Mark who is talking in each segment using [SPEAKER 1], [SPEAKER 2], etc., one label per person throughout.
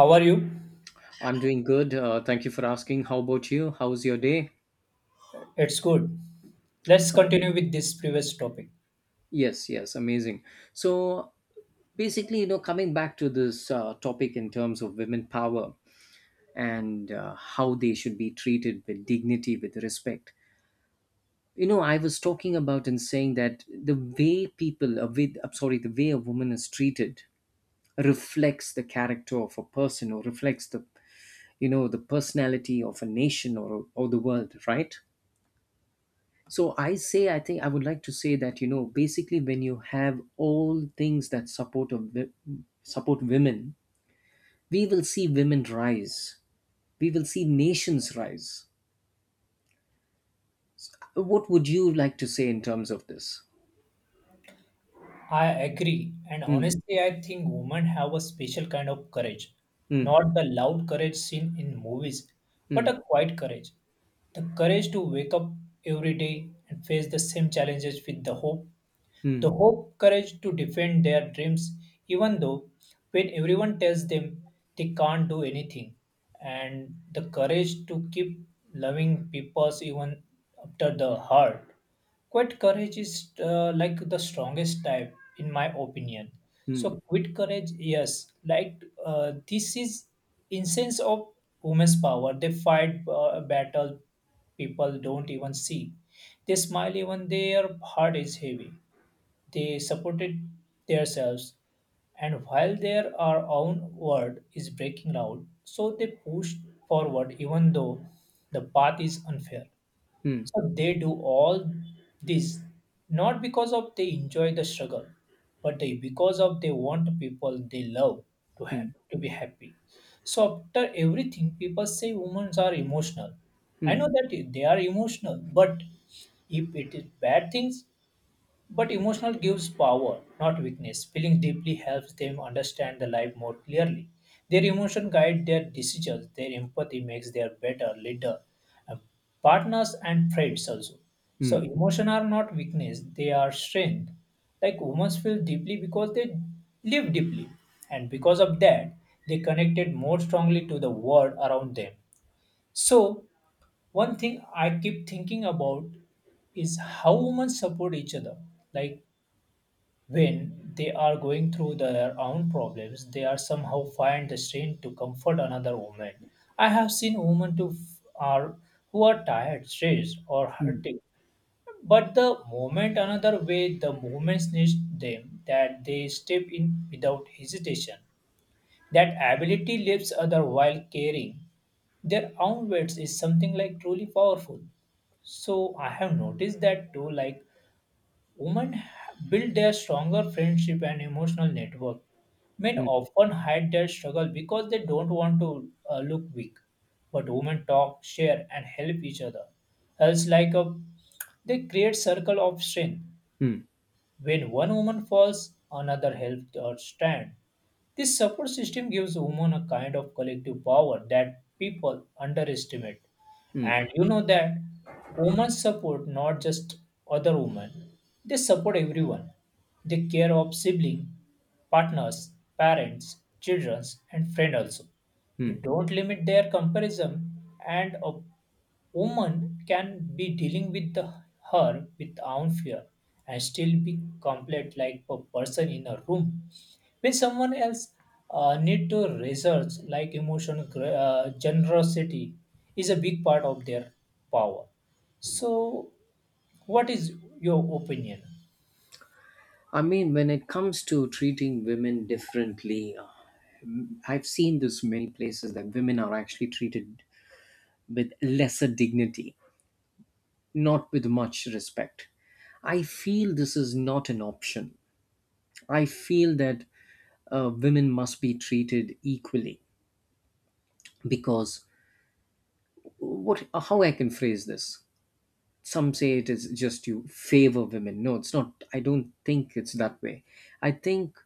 [SPEAKER 1] How are you?
[SPEAKER 2] I'm doing good. Thank you for asking. How about you? How's your day?
[SPEAKER 1] It's good. Let's continue with this previous topic.
[SPEAKER 2] Yes, amazing. So, Coming back to this topic in terms of women power and how they should be treated with dignity, with respect. You know, I was talking about and saying that the way people, with, I'm sorry, the way a woman is treated reflects the character of a person or reflects the personality of a nation or the world, right? So I say, I think I would like to say that you know, basically, when you have all things that support women, we will see women rise. We will see nations rise. What would you like to say in terms of this?
[SPEAKER 1] I agree, and
[SPEAKER 2] Hmm.
[SPEAKER 1] honestly, I think women have a special kind of courage.
[SPEAKER 2] Hmm.
[SPEAKER 1] Not the loud courage seen in movies, but
[SPEAKER 2] Hmm.
[SPEAKER 1] a quiet courage. The courage to wake up every day and face the same challenges with the hope
[SPEAKER 2] Hmm.
[SPEAKER 1] The hope, courage to defend their dreams, even though when everyone tells them they can't do anything, and the courage to keep loving people even after the hurt. Quit courage is like the strongest type, in my opinion.
[SPEAKER 2] Hmm.
[SPEAKER 1] So, quit courage, yes, like this is in of women's power. They fight battle people don't even see. They smile even their heart is heavy. They supported themselves, and while their our own world is breaking out, so they push forward even though the path is unfair.
[SPEAKER 2] Hmm.
[SPEAKER 1] So they do all this not because of they enjoy the struggle, but they because of they want people they love to have
[SPEAKER 2] Hmm.
[SPEAKER 1] to be happy. So after everything, people say women are emotional.
[SPEAKER 2] Hmm. Hmm.
[SPEAKER 1] I
[SPEAKER 2] Hmm.
[SPEAKER 1] know that they are emotional, but if it is bad things, but emotional gives power, not weakness. Feeling deeply helps them understand the life more clearly. Their emotion guide their decisions. Their empathy makes them better leader, uh, partners and friends also.
[SPEAKER 2] Hmm.
[SPEAKER 1] So emotion are not weakness; they are strength. Like women feel deeply because they live deeply, and because of that, they connected more strongly to the world around them. So one thing I keep thinking about is how women support each other. Like when they are going through their own problems, they are somehow find the strength to comfort another woman. I have seen are who are tired, stressed, or hurting, but the moment another way the movements needs them that they step in without hesitation. That ability lifts other while caring. Their own words is something like truly powerful. So I have noticed that too, like women build their stronger friendship and emotional network. Men often hide their struggle because they don't want to look weak. But women talk, share, and help each other. Else, like a, they create circle of strength.
[SPEAKER 2] Hmm.
[SPEAKER 1] When one woman falls, another helps her stand. This support system gives women a kind of collective power that people underestimate.
[SPEAKER 2] Hmm.
[SPEAKER 1] And you know that women support not just other women, they support everyone. They care of siblings, partners, parents, children, and friends also. They
[SPEAKER 2] Hmm.
[SPEAKER 1] don't limit their comparison and woman can be dealing with her with own fear and still be complete like a person in a room when someone else need to research like emotion generosity is a big part of their power. So what is your opinion?
[SPEAKER 2] I mean, when it comes to treating women differently, I've seen this many places that women are actually treated with lesser dignity, not with much respect. I feel this is not an option. I feel that women must be treated equally, because what, how I can phrase this, some say it is just you favor women. No, it's not. I don't think it's that way. I think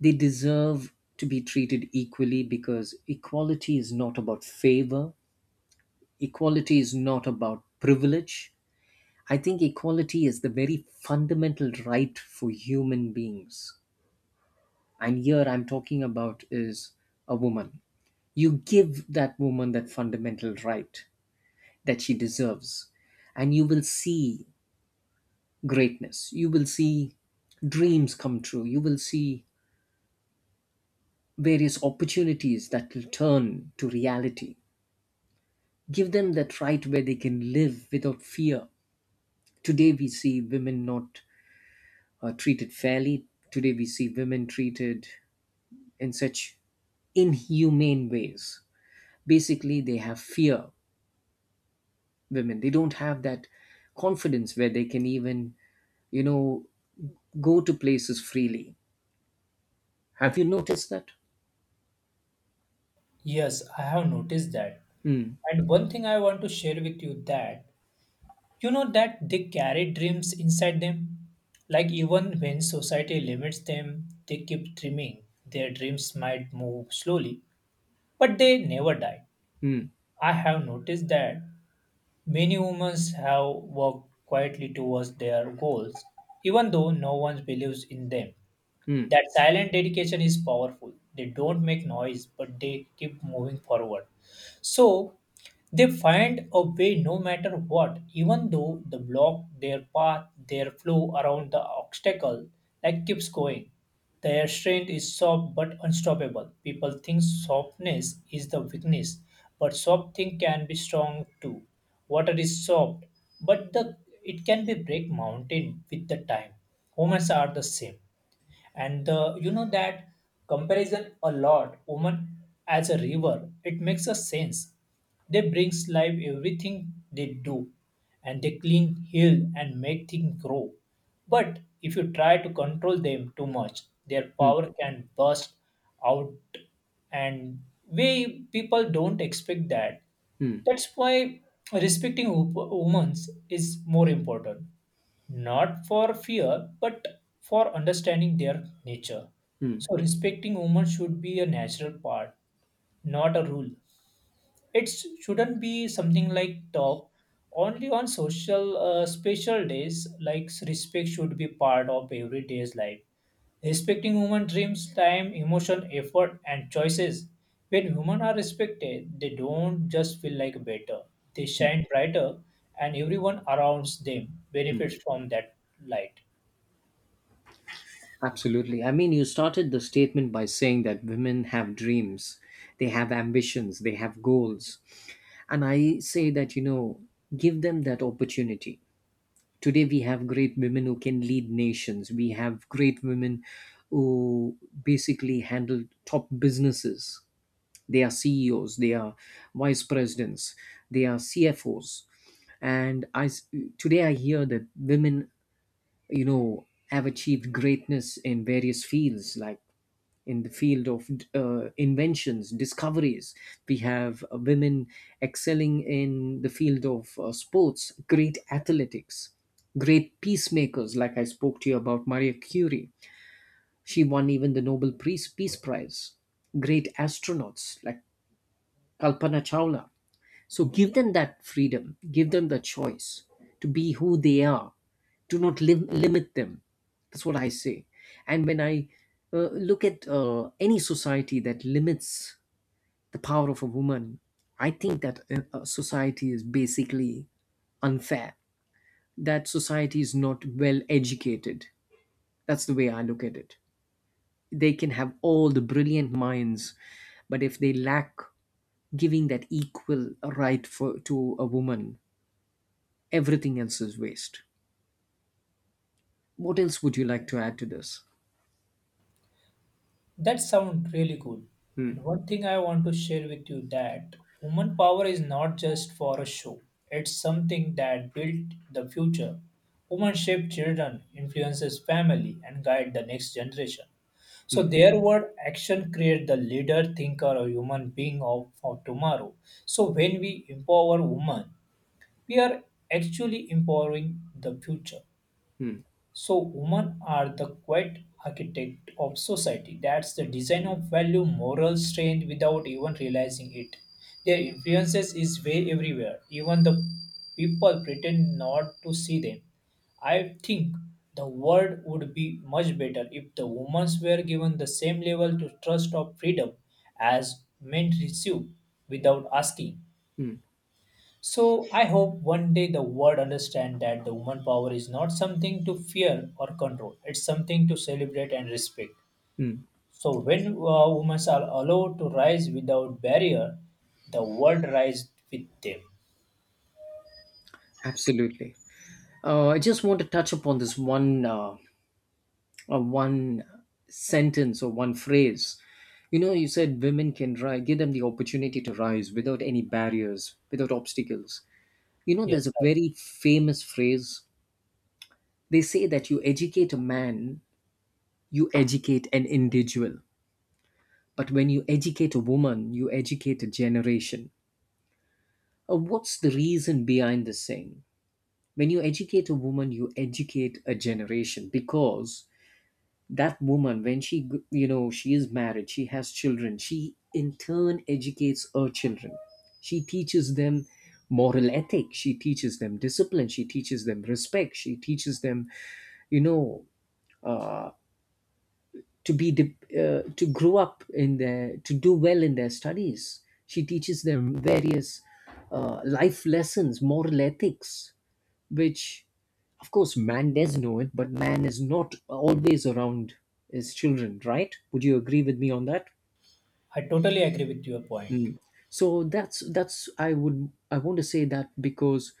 [SPEAKER 2] they deserve to be treated equally, because equality is not about favor, equality is not about privilege. I think equality is the very fundamental right for human beings. And here I'm talking about is a woman. You give that woman that fundamental right that she deserves, and you will see greatness. You will see dreams come true. You will see various opportunities that will turn to reality. Give them that right where they can live without fear. Today we see women not treated fairly. Today we see women treated in such inhumane ways. Basically, they have fear, women. They don't have that confidence where they can even, you know, go to places freely. Have you noticed that?
[SPEAKER 1] Yes, I have noticed that,
[SPEAKER 2] Hmm,
[SPEAKER 1] and one thing I want to share with you that you know that they carry dreams inside them. Like even when society limits them, they keep dreaming. Their dreams might move slowly, but they never die.
[SPEAKER 2] hmm,
[SPEAKER 1] I have noticed that many women have worked quietly towards their goals, even though no one believes in them.
[SPEAKER 2] hmm,
[SPEAKER 1] That silent dedication is powerful. They don't make noise, but they keep moving forward. So they find a way no matter what, even though the block, their path, their flow around the obstacle like keeps going. Their strength is soft but unstoppable. People think softness is the weakness, but soft thing can be strong too. Water is soft, but the it can be break mountain with the time. Humans are the same, and the you know that comparison a lot woman as a river, it makes a sense. They brings life everything they do, and they clean, heal and make things grow, but if you try to control them too much, their
[SPEAKER 2] hmm,
[SPEAKER 1] power can burst out. And we people don't expect that.
[SPEAKER 2] hmm,
[SPEAKER 1] That's why respecting women is more important, not for fear, but for understanding their nature.
[SPEAKER 2] hmm,
[SPEAKER 1] So, respecting women should be a natural part, not a rule. It shouldn't be something like top only on social special days. Like respect should be part of everyday's life. Respecting human dreams, time, emotion, effort, and choices. When humans are respected, they don't just feel like better. They shine brighter, and everyone around them
[SPEAKER 2] hmm.
[SPEAKER 1] benefits from that light.
[SPEAKER 2] Absolutely. I mean, you started the statement by saying that women have dreams, they have ambitions, they have goals. And I say that, you know, give them that opportunity. Today we have great women who can lead nations. We have great women who basically handle top businesses. They are CEOs, they are vice presidents, they are CFOs. and i s- Today I hear that women, you know, have achieved greatness in various fields, like in the field of inventions, discoveries. We have women excelling in the field of sports, great athletics, great peacemakers. Like I spoke to you about Maria Curie. She won even the Nobel Peace Prize. Great astronauts like Kalpana Chawla. So give them that freedom, give them the choice to be who they are. Do not limit them. That's what I say. And when I look at any society that limits the power of a woman, I think that a society is basically unfair. That society is not well educated. That's the way I look at it. They can have all the brilliant minds, but if they lack giving that equal right for to a woman, everything else is waste. What else would you like to add to this?
[SPEAKER 1] That sounds really cool. And one thing I want to share with you that woman power is not just for a show. It's something that built the future. Women shape children, influences family, and guide the next generation. So their word action create the leader, thinker, or human being of for tomorrow. So when we empower women, we are actually empowering the future.
[SPEAKER 2] Hmm,
[SPEAKER 1] So women are the quiet architect of society. That's the design of value, moral strength without even realizing it. Their influences is way everywhere. Even the people pretend not to see them. I think the world would be much better if the women were given the same level to trust of freedom as men receive without asking.
[SPEAKER 2] hmm,
[SPEAKER 1] So I hope one day the world understand that the woman power is not something to fear or control. It's something to celebrate and respect.
[SPEAKER 2] hmm.
[SPEAKER 1] So when women are allowed to rise without barrier, the world rise with them.
[SPEAKER 2] Absolutely. I just want to touch upon this one, one sentence or one phrase. You know, you said women can rise, give them the opportunity to rise without any barriers, without obstacles. You know, there's
[SPEAKER 1] Yes,
[SPEAKER 2] a
[SPEAKER 1] right.
[SPEAKER 2] very famous phrase. They say that you educate a man, you educate an individual. But when you educate a woman, you educate a generation. What's the reason behind this saying? When you educate a woman, you educate a generation, because that woman, when she, you know, she is married, she has children, she in turn educates her children. She teaches them moral ethics, she teaches them discipline, she teaches them respect, she teaches them, you know, uh, to grow up in their, to do well in their studies. She teaches them various life lessons, moral ethics, which of course man does know it, but man is not always around his children, right? Would you agree with me on that?
[SPEAKER 1] I totally agree with your point.
[SPEAKER 2] Mm. So that's I would, I want to say that, because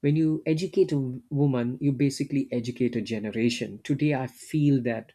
[SPEAKER 2] when you woman, you basically educate a generation. Today I feel that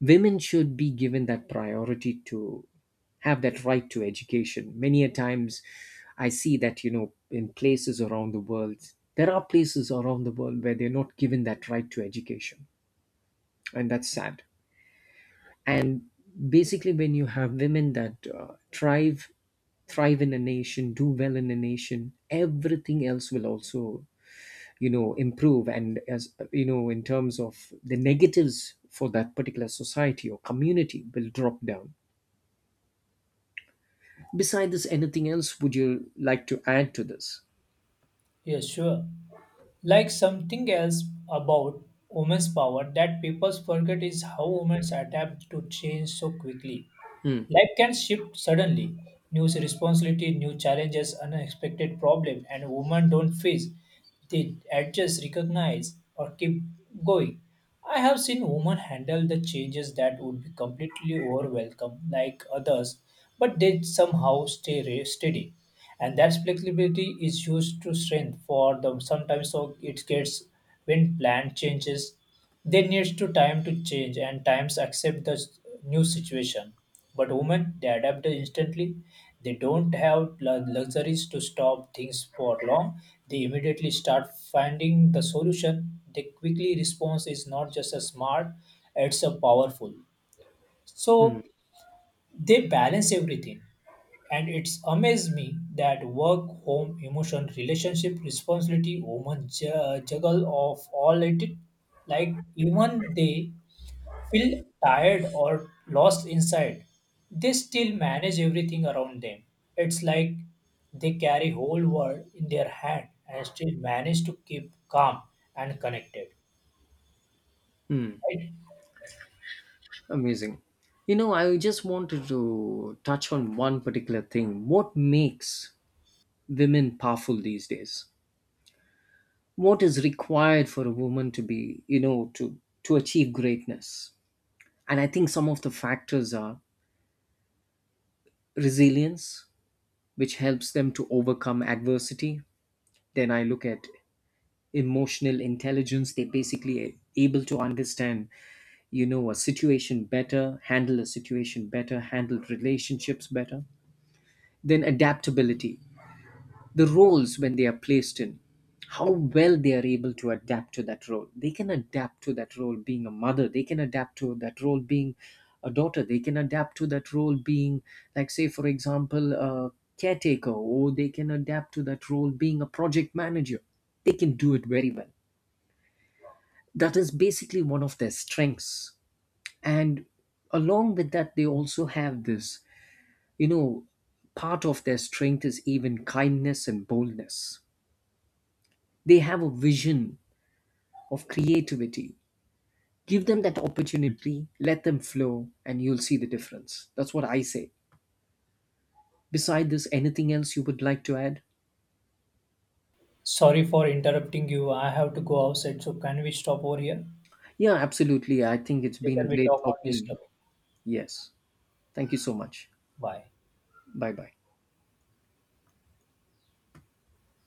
[SPEAKER 2] women should be given that priority to have that right to education. Many a times I see that, you know, in places around the world, there are places around the world where they're not given that right to education, and that's sad. And basically, when you have women that thrive in a nation, do well in a nation, everything else will also, you know, improve, and as you know, in terms of the negatives for that particular society or community, will drop down. Besides this, anything else would you like to add to this?
[SPEAKER 1] Yes, sure. Like something else about women's power that people forget is how women adapt to change so quickly.
[SPEAKER 2] Hmm.
[SPEAKER 1] Life can shift suddenly. New responsibility, new challenges, unexpected problem, and women don't face. They adjust, recognize, or keep going. I have seen women handle the changes that would be completely overwhelmed, like others, but they somehow steady. And that flexibility is used to strength for them. Sometimes so it gets when plan changes, they needs to time to change and times accept the new situation. But women, they adapt instantly. They don't have luxuries to stop things for long. They immediately start finding the solution. They quickly response is not just a smart, it's a powerful.
[SPEAKER 2] Hmm.
[SPEAKER 1] So they balance everything. And it's amazed me that work, home, emotion, relationship, responsibility, woman juggle of all it. Like even they feel tired or lost inside, they still manage everything around them. It's like they carry whole world in their hand and still manage to keep calm and connected. Right?
[SPEAKER 2] Amazing. You know, I just wanted to touch on one particular thing. What makes women powerful these days? What is required for a woman to be, you know, to achieve greatness? And I think some of the factors are resilience, which helps them to overcome adversity. Then I look at emotional intelligence. They're basically able to understand, you know, a situation better, handle a situation better, handle relationships better. Then adaptability, the roles when they are placed in, how well they are able to adapt to that role. They can adapt to that role being a mother, they can adapt to that role being a daughter, they can adapt to that role being, like, say, for example, a caretaker, or they can adapt to that role being a project manager. They can do it very well. That is basically one of their strengths. And along with that, they also have this, you know, part of their strength is even kindness and boldness. They have a vision of creativity. Give them that opportunity, let them flow, and you'll see the difference. That's what I say. Beside this, anything else you would like to add?
[SPEAKER 1] Sorry for interrupting you. I have to go outside. So can we stop over here?
[SPEAKER 2] Yeah, absolutely. I think it's been
[SPEAKER 1] Later we
[SPEAKER 2] great
[SPEAKER 1] talk on this
[SPEAKER 2] talking.
[SPEAKER 1] topic.
[SPEAKER 2] Yes. Thank you so much.
[SPEAKER 1] Bye.
[SPEAKER 2] Bye bye.